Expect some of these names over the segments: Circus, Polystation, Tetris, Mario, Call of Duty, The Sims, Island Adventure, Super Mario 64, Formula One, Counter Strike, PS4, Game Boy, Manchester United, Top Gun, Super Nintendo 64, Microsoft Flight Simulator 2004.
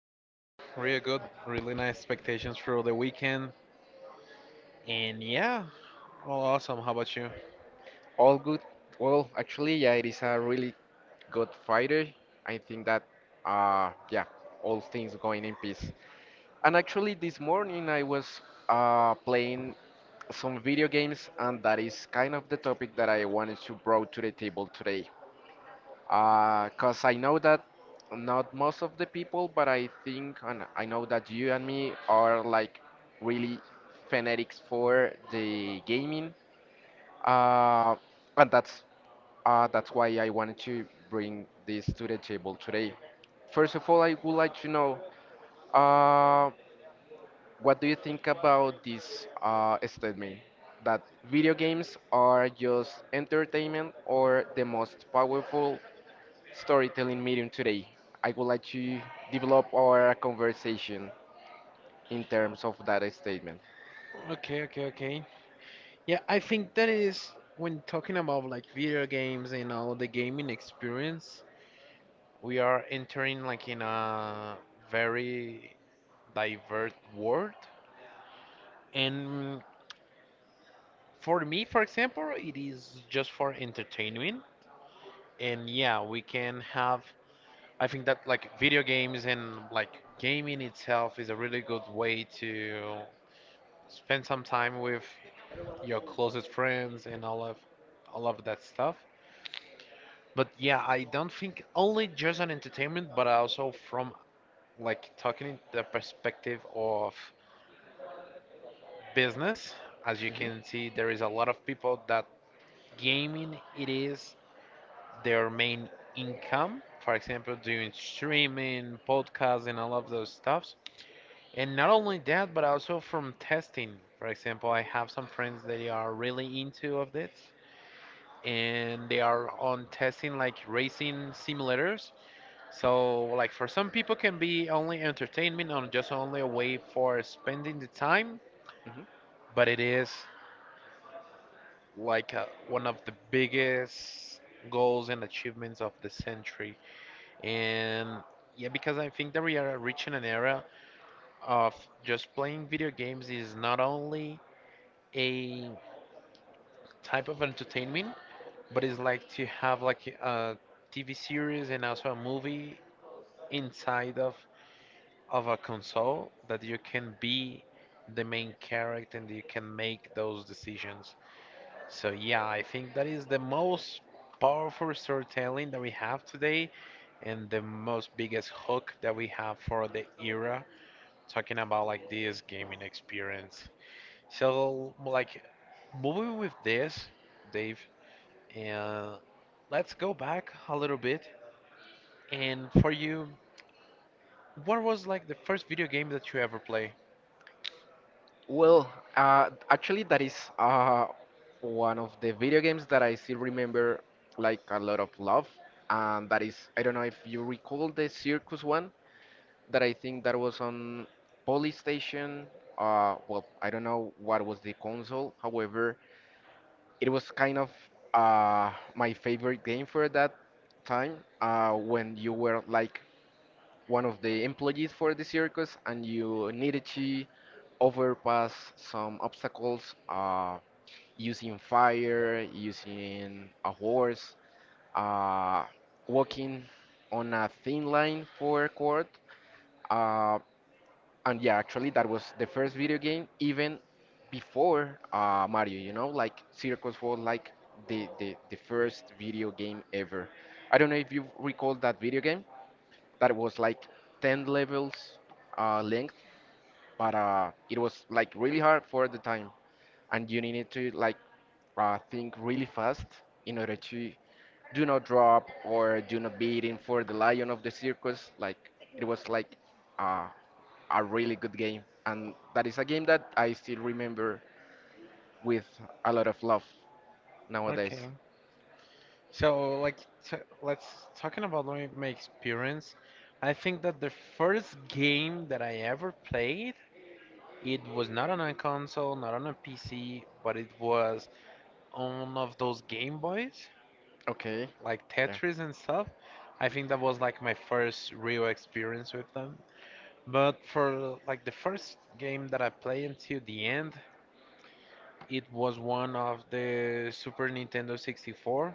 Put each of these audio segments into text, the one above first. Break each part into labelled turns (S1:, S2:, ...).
S1: Yeah, really good, really nice expectations for the weekend. And yeah, all awesome. How about you?
S2: All good. Well, actually, yeah, it is a really good Friday. I think that, yeah, all things going in peace. And actually, this morning I was playing some video games, and that is kind of the topic that I wanted to bring to the table today. Cause I know that not most of the people, but I think and I know that you and me are like really fanatics for the gaming. Uh, and that's why I wanted to bring this to the table today. First of all, I would like to know uh, what do you think about this statement that video games are just entertainment or the most powerful storytelling medium today. I would like to develop our conversation in terms of that statement.
S1: Okay, okay, okay. Yeah, I think that is when talking about like video games and all the gaming experience, we are entering like in a very diverse world. And for me, for example, it is just for entertainment. And yeah, we can have I think that like video games and like gaming itself is a really good way to spend some time with your closest friends and all of that stuff. But yeah, I don't think only just on entertainment, but also from like talking in the perspective of business. As you
S2: Mhm.
S1: can see, there is a lot of people that gaming it is their main income. For example, doing streaming, podcasts, and all of those stuffs. And not only that, but also from testing. For example, I have some friends that are really into of this and they are on testing like racing simulators. So like for some people can be only entertainment or just only a way for spending the time,
S2: Mhm.
S1: but it is like one of the biggest goals and achievements of the century. And yeah, because I think that we are reaching an era of just playing video games is not only a type of entertainment, but it's like to have like a TV series and also a movie inside of a console that you can be the main character and you can make those decisions. So yeah, I think that is the most powerful storytelling that we have today and the most biggest hook that we have for the era talking about like this gaming experience. So like moving with this, Dave, and let's go back a little bit. And for you, what was like the first video game that you ever played?
S2: Well, actually, that is one of the video games that I still remember like a lot of love. And that is, I don't know if you recall the circus one that I think that was on Polystation. Well, I don't know what was the console. However, it was kind of my favorite game for that time when you were like one of the employees for the circus and you needed to overpass some obstacles using fire, using a horse, uh, walking on a thin line for a court. Uh, and yeah, actually, that was the first video game even before Mario. You know, like Circus was like the first video game ever. I don't know if you recall that video game. That was like 10 levels length, but it was like really hard for the time, and you needed to think really fast in order to do not drop or do not beat in for the lion of the circus. Like it was like uh, a really good game, and that is a game that I still remember with a lot of love nowadays.
S1: Okay. So like t let's talking about my experience. I think that the first game that I ever played, it was not on a console, not on a PC, but it was on one of those Game Boys,
S2: Okay.
S1: like
S2: Yeah.
S1: Tetris and stuff. I think that was like my first real experience with them. But for like the first game that I played until the end, it was one of the Super Nintendo 64.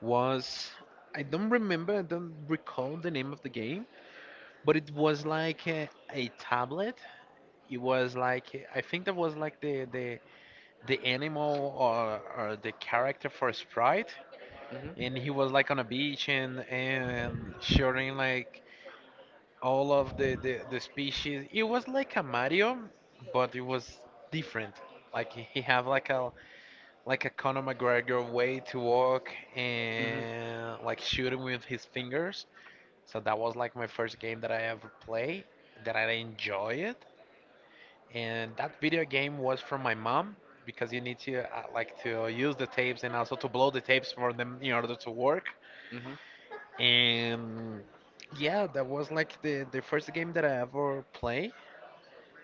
S1: Was I don't remember, I don't recall the name of the game, but it was like a tablet. It was like I think that was like the animal or the character for Sprite, and he was like on a beach and shooting like all of the species. It was like a Mario, but it was different. Like he have like a Conor McGregor way to walk
S2: Mhm. Mhm.
S1: and like shooting with his fingers. So that was like my first game that I ever played that I enjoy it. And that video game was from my mom because you need to like to use the tapes and also to blow the tapes for them in order to work.
S2: Mhm.
S1: And yeah, that was like the first game that I ever played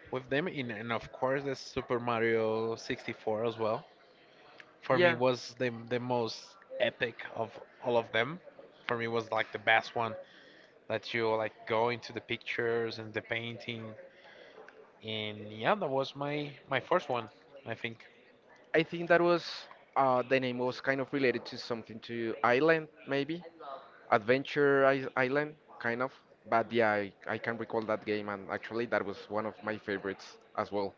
S1: with them in, and of course the Super Mario 64 as well. For me
S2: Yeah.
S1: was the most epic of all of them. For me was like the best one that you like go into the pictures and the painting and yeah, that was my first one, I think.
S2: I think that was the name was kind of related to something to Island, maybe Adventure Island, kind of. But yeah, I can recall that game, and actually that was one of my favorites as well.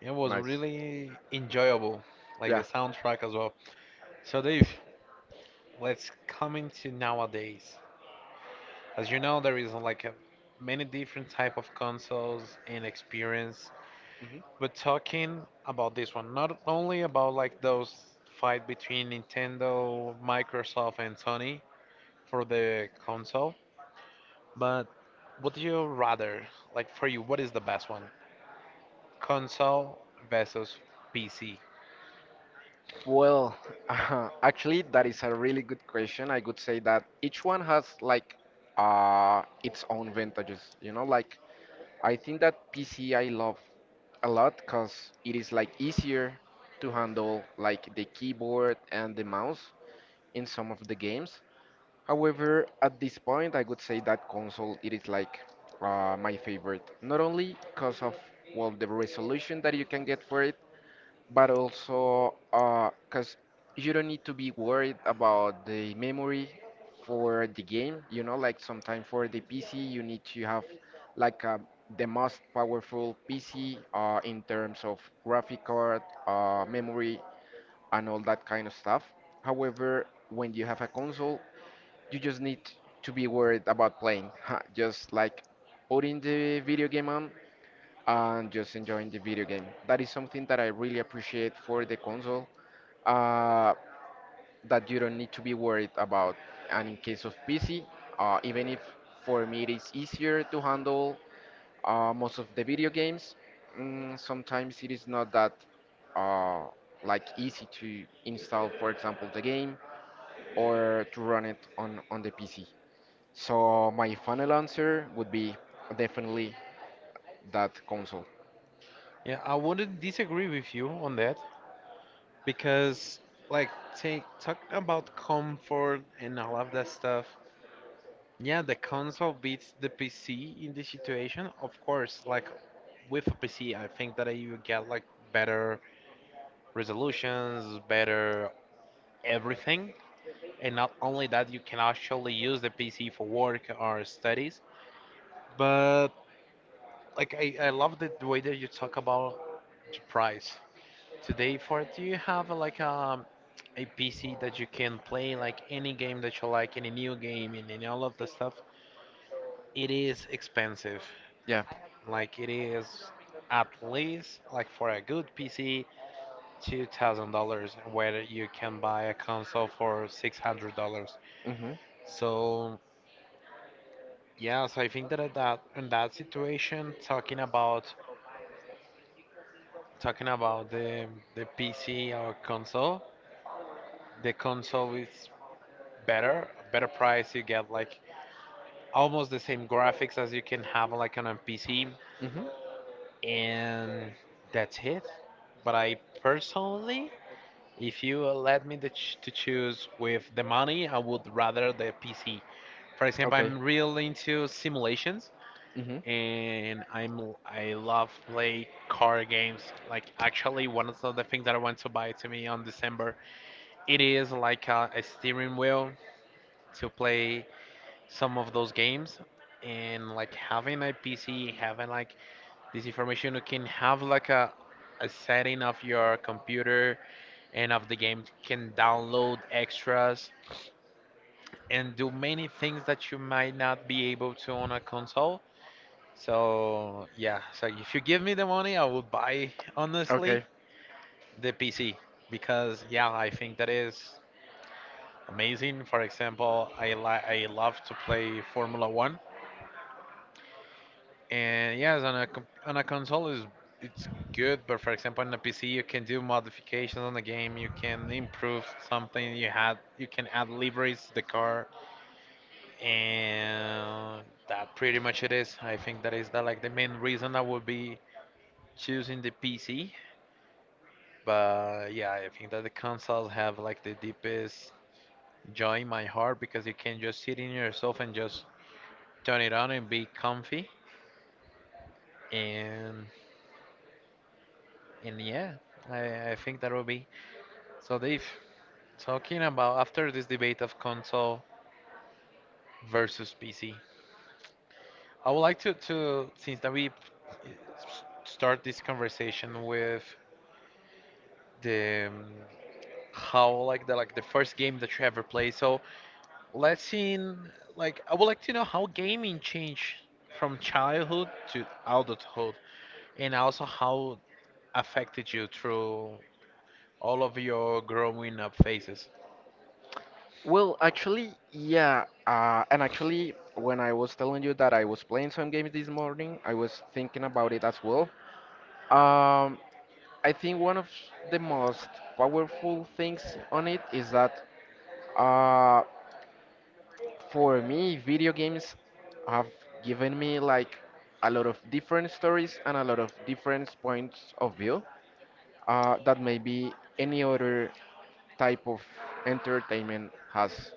S1: It was
S2: Nice.
S1: really enjoyable, like
S2: Yeah.
S1: the soundtrack as well. So Dave, let's come into nowadays. As you know, there is like many different type of consoles and experience. But talking about this one, not only about like those fight between Nintendo, Microsoft, and Sony for the console, but what do you rather like for you? What is the best one? Console versus PC.
S2: Well, actually, that is a really good question. I could say that each one has like its own vantages, like I think that PC I love a lot because it is like easier to handle like the keyboard and the mouse in some of the games. However, at this point, I would say that console it is like my favorite, not only because of well the resolution that you can get for it, but also because you don't need to be worried about the memory for the game, like sometimes for the PC you need to have like the most powerful PC in terms of graphic card, memory and all that kind of stuff. However, when you have a console, you just need to be worried about playing just like putting the video game on and just enjoying the video game. That is something that I really appreciate for the console, uh, that you don't need to be worried about. And in case of PC, even if for me it is easier to handle most of the video games, sometimes it is not that uh, like easy to install, for example, the game or to run it on the PC. So my final answer would be definitely that console.
S1: Yeah, I wouldn't disagree with you on that because like take talking about comfort and all of that stuff. Yeah, the console beats the PC in this situation, of course. Like with a PC, I think that you get like better resolutions, better everything. And not only that, you can actually use the PC for work or studies. But like I love the way that you talk about the price. Today for it, do you have like a PC that you can play like any game that you like, any new game and all of the stuff? It is expensive.
S2: Yeah.
S1: Like it is at least like for a good PC, $2,000, where you can buy a console for $600.
S2: Mhm.
S1: So yeah, so I think that at that in that situation, talking about the PC or console, the console is better, better price. You get like almost the same graphics as you can have like on a PC,
S2: Mhm.
S1: and that's it. But I personally If you let me to choose with the money, I would rather the PC. For example,
S2: Okay.
S1: I'm real into simulations,
S2: Mhm.
S1: and I love play car games. Like actually, one of the things that I want to buy to me on December, it is like a steering wheel to play some of those games. And like having a PC, having like this information, you can have like a setting of your computer and of the game can download extras and do many things that you might not be able to on a console. So yeah, so if you give me the money, I would buy honestly
S2: Okay.
S1: the PC because yeah, I think that is amazing. For example, I love to play Formula One, and yes, on a on a console is it's good, but for example on a PC you can do modifications on the game, you can improve something, you can add liveries to the car, and that pretty much it is. I think that is the like the main reason I would be choosing the PC. But yeah, I think that the consoles have like the deepest joy in my heart because you can just sit in yourself and just turn it on and be comfy. And and yeah, I think that will be. So Dave, talking about after this debate of console versus PC, I would like to since that we start this conversation with the how like the first game that you ever played. So let's see in like I would like to know how gaming changed from childhood to adulthood, and also how affected you through all of your growing up phases.
S2: Well, actually, yeah. And actually, when I was telling you that I was playing some games this morning, I was thinking about it as well. Um, I think one of the most powerful things on it is that uh, for me, video games have given me like a lot of different stories and a lot of different points of view that maybe any other type of entertainment has.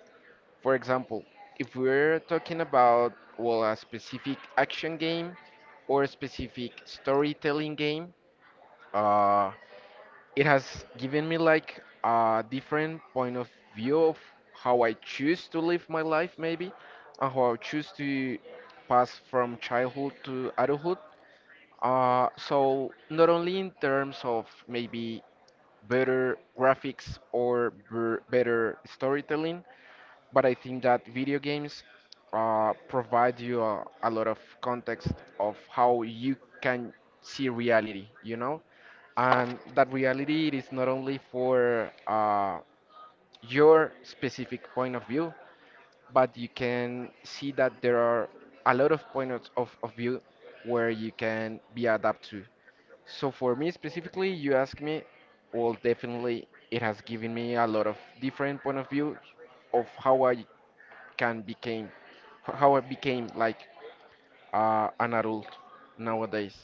S2: For example, if we're talking about well a specific action game or a specific storytelling game, uh, it has given me like a different point of view of how I choose to live my life, maybe, and how I choose to pass from childhood to adulthood. So not only in terms of maybe better graphics or better storytelling, but I think that video games provide you a lot of context of how you can see reality, and that reality it is not only for your specific point of view, but you can see that there are a lot of points of view where you can be adapt to. So for me specifically, you ask me, well, definitely it has given me a lot of different point of view of can became how I became like an adult nowadays.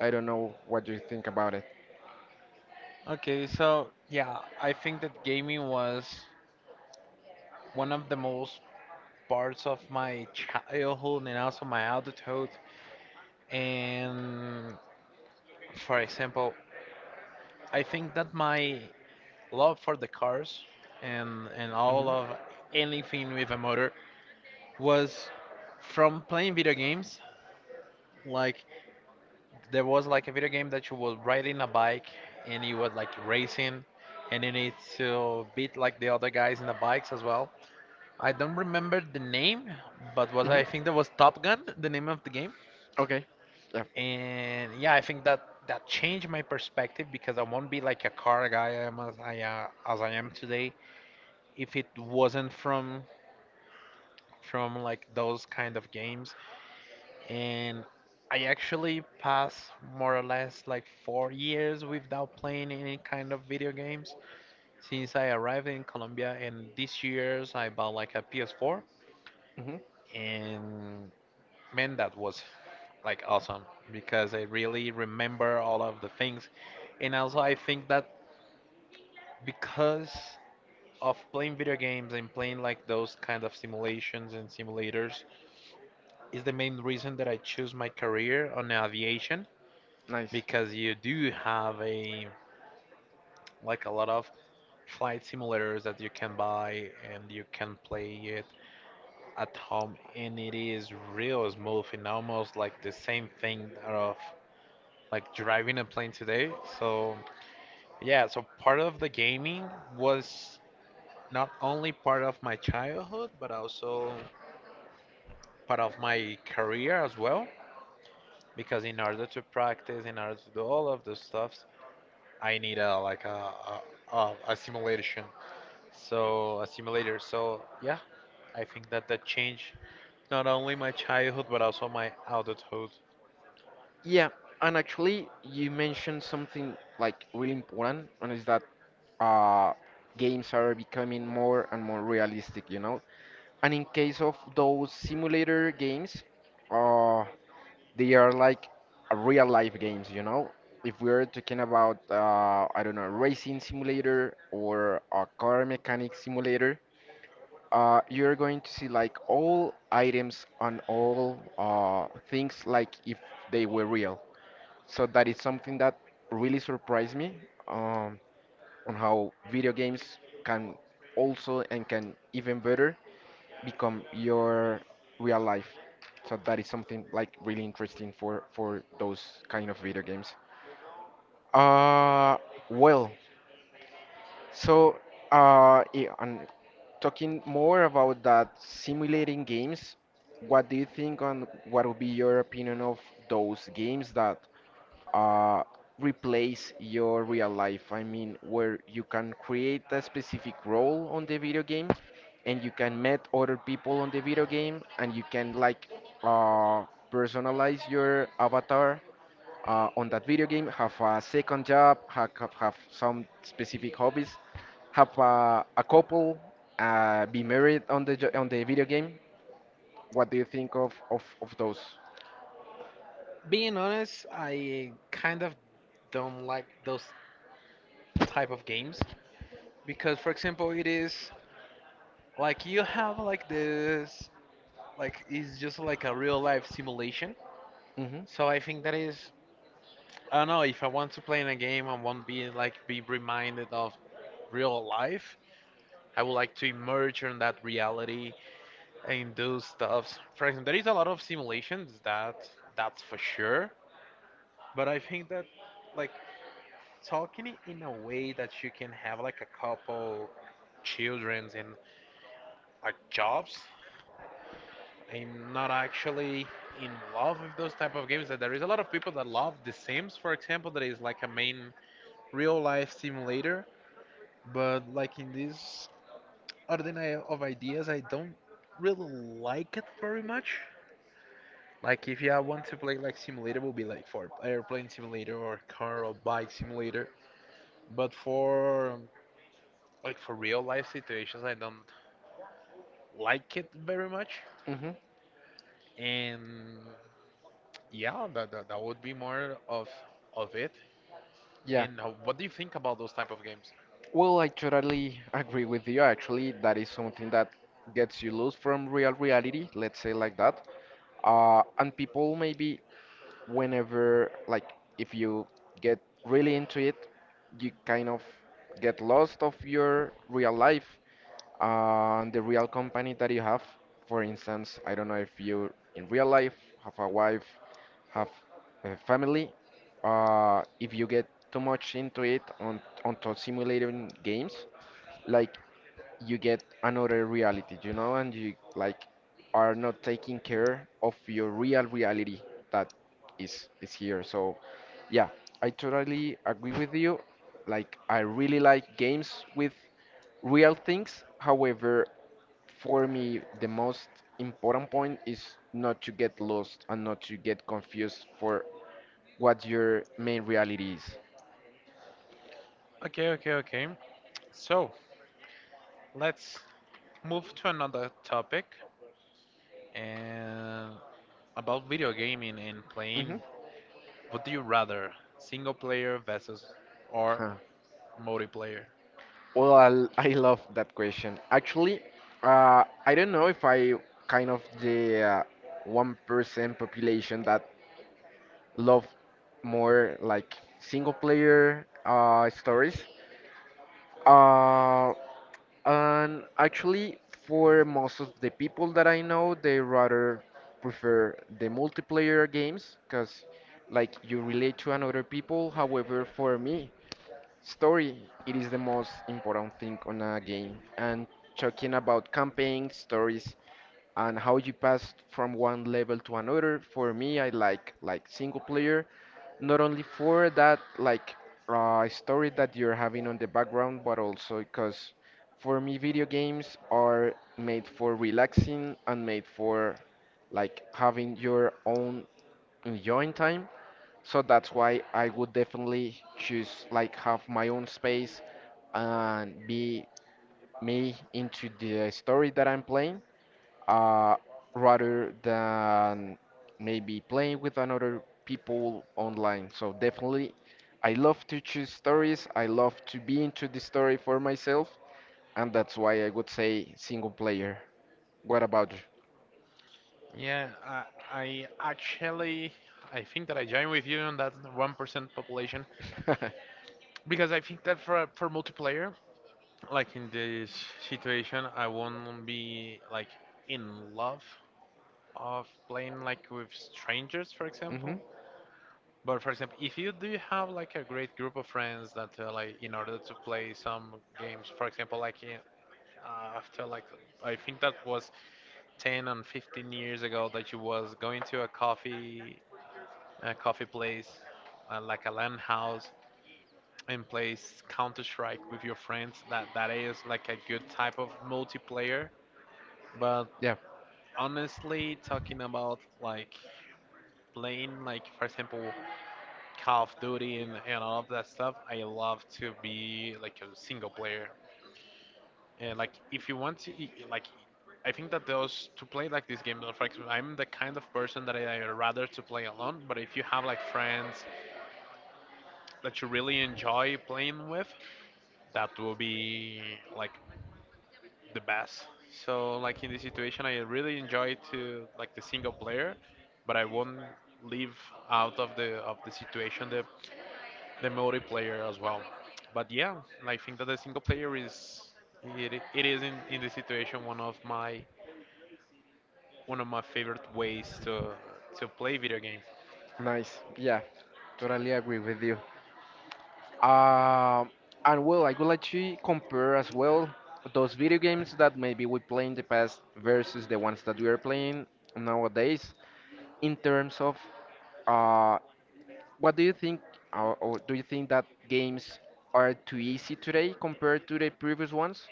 S2: I don't know what you think about it.
S1: Okay, so yeah, I think that gaming was one of the most parts of my childhood and also my adulthood. And for example, I think that my love for the cars and all of
S2: Hmm.
S1: anything with a motor was from playing video games. Like there was like a video game that you were riding a bike and you were like racing and you need to beat like the other guys in the bikes as well. I don't remember the name, but was
S2: Hmm.
S1: I think that was Top Gun, the name of the game.
S2: Okay. Yeah.
S1: And yeah, I think that that changed my perspective because I won't be like a car guy I am as I am today if it wasn't from like those kind of games, and I actually passed more or less like 4 years without playing any kind of video games since I arrived in Colombia and this year's I bought like a PS4,
S2: Hmm.
S1: and man that was like awesome because I really remember all of the things, and also I think that because of playing video games and playing like those kind of simulations and simulators is the main reason that I choose my career on aviation
S2: Nice.
S1: because you do have a like a lot of flight simulators that you can buy and you can play it at home and it is real smooth and almost like the same thing of like driving a plane today. So yeah, so part of the gaming was not only part of my childhood but also part of my career as well because in order to practice in order to do all of the stuff I need a like a simulation. So a simulator. So yeah, I think that that changed not only my childhood but also my adulthood.
S2: Yeah, and actually, you mentioned something like really important, and is that uh, games are becoming more and more realistic, you know? And in case of those simulator games, uh, they are like real life games, you know? If we're talking about, I don't know, racing simulator or a car mechanic simulator, you're going to see like all items on all things like if they were real. So that is something that really surprised me um, on how video games can also and can even better become your real life. So that is something like really interesting for those kind of video games. Uh, well, so yeah, and talking more about that simulating games, what do you think on what would be your opinion of those games that uh, replace your real life? I mean, where you can create a specific role on the video game and you can meet other people on the video game and you can like uh, personalize your avatar on that video game, have a second job, have some specific hobbies, have a couple, be married on the video game. What do you think of those?
S1: Being honest, I kind of don't like those type of games because, for example, it is like you have like this like it's just like a real life simulation.
S2: Hmm.
S1: So I think that is I don't know if I want to play in a game, I won't be like be reminded of real life. I would like to emerge in that reality and do stuff. For example, there is a lot of simulations that that's for sure. But I think that like talking in a way that you can have like a couple childrens and like jobs. I'm not actually in love with those type of games. That there is a lot of people that love The Sims, for example, that is like a main real life simulator. But like in this ordinary of ideas, I don't really like it very much. Like if you want to play like simulator, will be like for airplane simulator or car or bike simulator. But for like for real life situations, I don't like it very much.
S2: Hmm.
S1: And yeah, that would be more of it.
S2: Yeah.
S1: And what do you think about those type of games?
S2: Well, I totally agree with you. Actually, that is something that gets you loose from real reality, let's say like that. And people maybe whenever like if you get really into it, you kind of get lost of your real life on the real company that you have. For instance, I don't know if you in real life have a wife, have a family. If you get too much into it on onto simulating games, like you get another reality, and you like are not taking care of your real reality that is here. So yeah, I totally agree with you. Like I really like games with real things. However, for me the most important point is not to get lost and not to get confused for what your main reality is.
S1: Okay, okay, okay. So let's move to another topic and about video gaming and
S2: Hmm.
S1: playing. What do you rather, single player versus or
S2: Huh.
S1: multiplayer?
S2: Well, I love that question. Actually, I don't know if I kind of the 1% population that love more like single player stories. Uh, And actually, for most of the people that I know, they rather prefer the multiplayer games because, like, you relate to another people. However, for me, story it is the most important thing on a game. And talking about campaign stories and how you pass from one level to another, for me, I like single player not only for that like story that you're having on the background, but also because for me, video games are made for relaxing and made for like having your own enjoying time. So that's why I would definitely choose like have my own space and be me into the story that I'm playing uh, rather than maybe playing with another people online. So definitely, I love to choose stories. I love to be into the story for myself, and that's why I would say single player. What about you?
S1: Yeah, I actually I think that I join with you on that 1% population because I think that for multiplayer, like in this situation, I won't be like in love of playing like with strangers, for
S2: Hmm.
S1: example. But for example, if you do have like a great group of friends that like in order to play some games, for example, like in, after like I think that was 10 and 15 years ago that you was going to a coffee place, like a land house, and plays Counter Strike with your friends. That that is like a good type of multiplayer. But
S2: Yeah,
S1: honestly, talking about like playing, like for example, Call of Duty and all of that stuff, I love to be like a single player. And like if you want to, like I think that those to play like this game, like, for example, I'm the kind of person that I rather to play alone. But if you have like friends that you really enjoy playing with, that will be like the best. So like in this situation, I really enjoy to like the single player, but I won't leave out of the situation the multiplayer as well. But yeah, I think that the single player is it is in this situation one of my favorite ways to play video game.
S2: nice. Yeah, totally agree with you. Um, and well, I would like to compare as well those video games that maybe we play in the past versus the ones that we are playing nowadays in terms of uh, what do you think, or do you think that games are too easy today compared to the previous ones?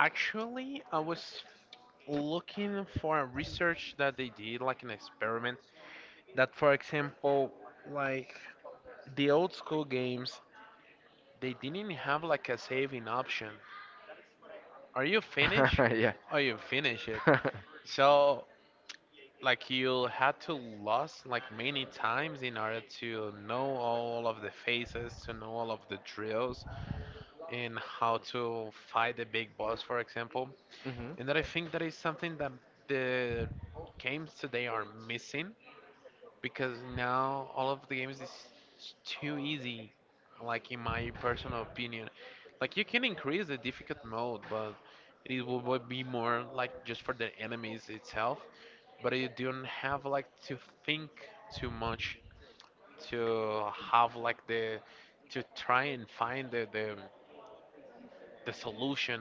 S1: Actually, I was looking for a research that they did, like an experiment, that for example, like the old school games, they didn't have like a saving option. Are you finished?
S2: Yeah.
S1: Are you finish it? So like you had to lose like many times in order to know all of the phases, to know all of the drills, and how to fight the big boss, for example.
S2: Hmm.
S1: And that I think that is something that the games today are missing because now all of the games is too easy, like in my personal opinion. Like you can increase the difficult mode, but it will be more like just for the enemies itself, but you don't have like to think too much to have like the to try and find the solution.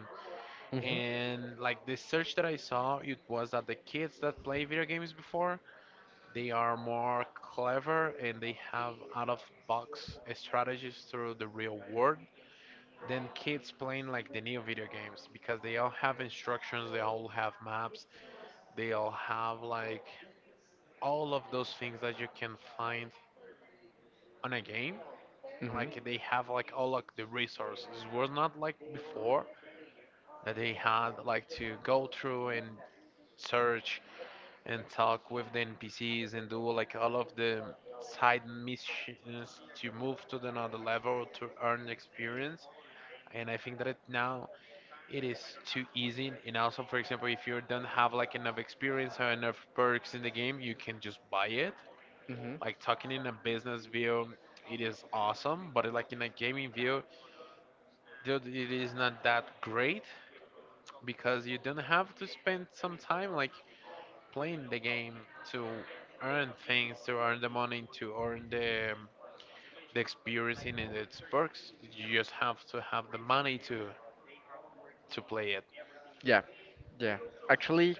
S2: Hmm.
S1: And like the search that I saw, it was that the kids that play video games before, they are more clever and they have out of box strategies through the real world than kids playing like the new video games because they all have instructions, they all have maps, they all have like all of those things that you can find on a game.
S2: Mhm.
S1: Like they have like all like the resources. It was not like before that they had like to go through and search and talk with the NPCs and do like all of the side missions to move to the another level to earn experience. And I think that now it is too easy. And also, for example, if you don't have like enough experience or enough perks in the game, you can just buy it.
S2: Mhm.
S1: Like talking in a business view, it is awesome, but like in a gaming view, dude, it is not that great because you don't have to spend some time like playing the game to earn things, to earn the money, to earn the experience in its perks. You just have to have the money to play it.
S2: Yeah, yeah. Actually,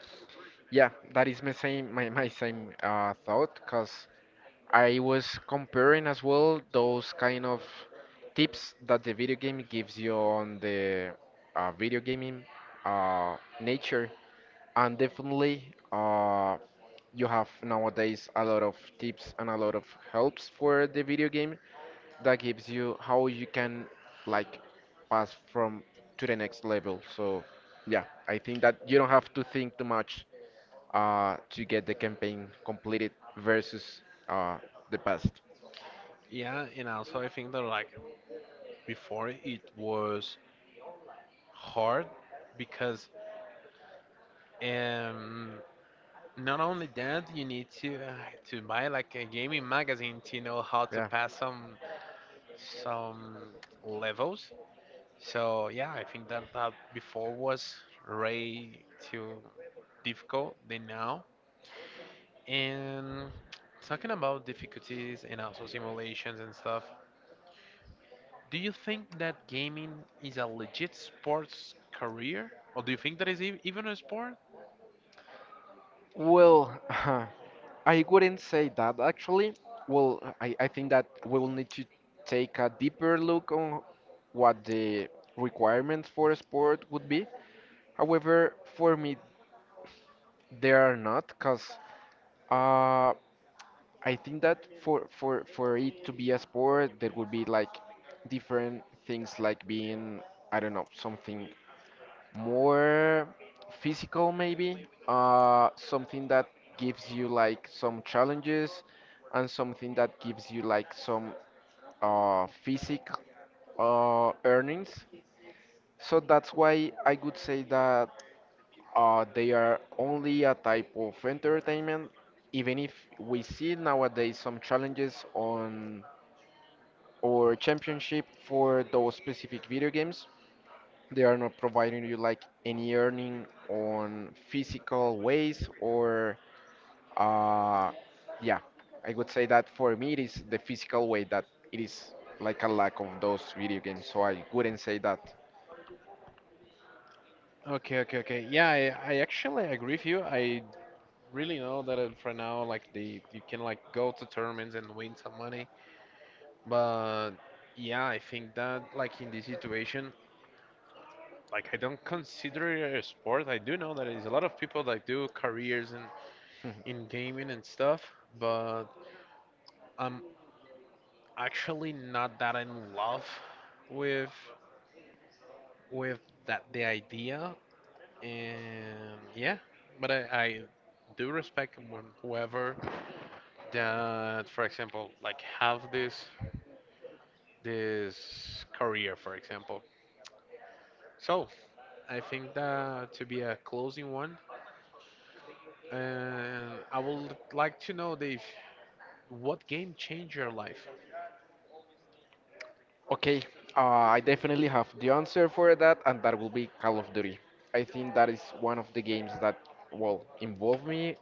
S2: yeah, that is my same thought because I was comparing as well those kind of tips that the video game gives you on the video gaming uh, nature, and definitely you have nowadays a lot of tips and a lot of helps for the video game that gives you how you can like pass from to the next level. So yeah, I think that you don't have to think too much to get the campaign completed versus uh, the past.
S1: Yeah, and also I think that like before it was hard because um not only that you need to buy like a gaming magazine to know how to
S2: Yeah.
S1: pass some levels. So yeah, I think that that before was way too. Difficult than now. And talking about difficulties and also simulations and stuff, do you think that gaming is a legit sports career? Or do you think that is even a sport?
S2: Well, I wouldn't say that actually. Well, I think that we will need to take a deeper look on what the requirements for a sport would be. However, for me, there are not, because uh, I think that for it to be a sport, there would be like different things like being, I don't know, something more physical, maybe something that gives you like some challenges and something that gives you like some physic earnings. So that's why I would say that they are only a type of entertainment, even if we see nowadays some challenges on or championship for those specific video games. They are not providing you like any earning on physical ways. Or uh yeah, I would say that for me it is the physical way that it is like a lack of those video games, so I wouldn't say that.
S1: Okay, okay, okay. Yeah, I actually agree with you. I really know that for now, like the you can like go to tournaments and win some money. But yeah, I think that like in this situation, like I don't consider it a sport. I do know that there's a lot of people that do careers in gaming and stuff, but I'm actually not that in love with with that the idea. And yeah, but I do respect whoever that, for example, like have this this career, for example. So I think that to be a closing one, and I would like to know, Dave, what game changed your life?
S2: Okay, I definitely have the answer for that, and that will be Call of Duty. I think that is one of the games that, well, involve me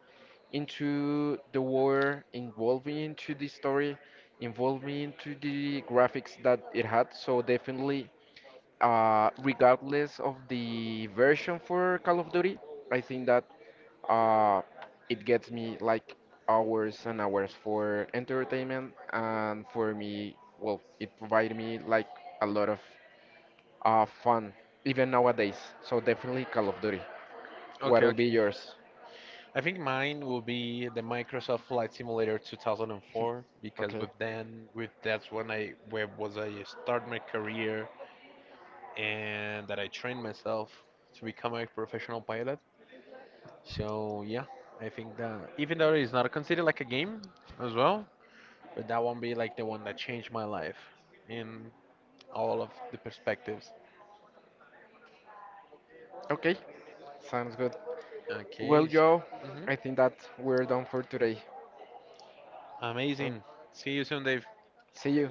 S2: into the war, involving into the story, involving into the graphics that it had. So definitely, regardless of the version for Call of Duty, I think that uh, it gets me like hours and hours for entertainment, and for me, well, it provided me like a lot of fun even nowadays. So definitely Call of Duty. What
S1: Okay,
S2: will be
S1: okay.
S2: yours?
S1: I think mine will be the Microsoft Flight Simulator 2004 because
S2: Okay.
S1: with then with that's when I where was I start my career and that I trained myself to become a professional pilot. So yeah, I think that even though it's not considered like a game as well, but that won't be like the one that changed my life in all of the perspectives.
S2: Okay. Sounds good. Well,
S1: Okay.
S2: Joe,
S1: Hmm.
S2: I think that we're done for today. Uh,
S1: Amazing. See you soon, Dave.
S2: See you.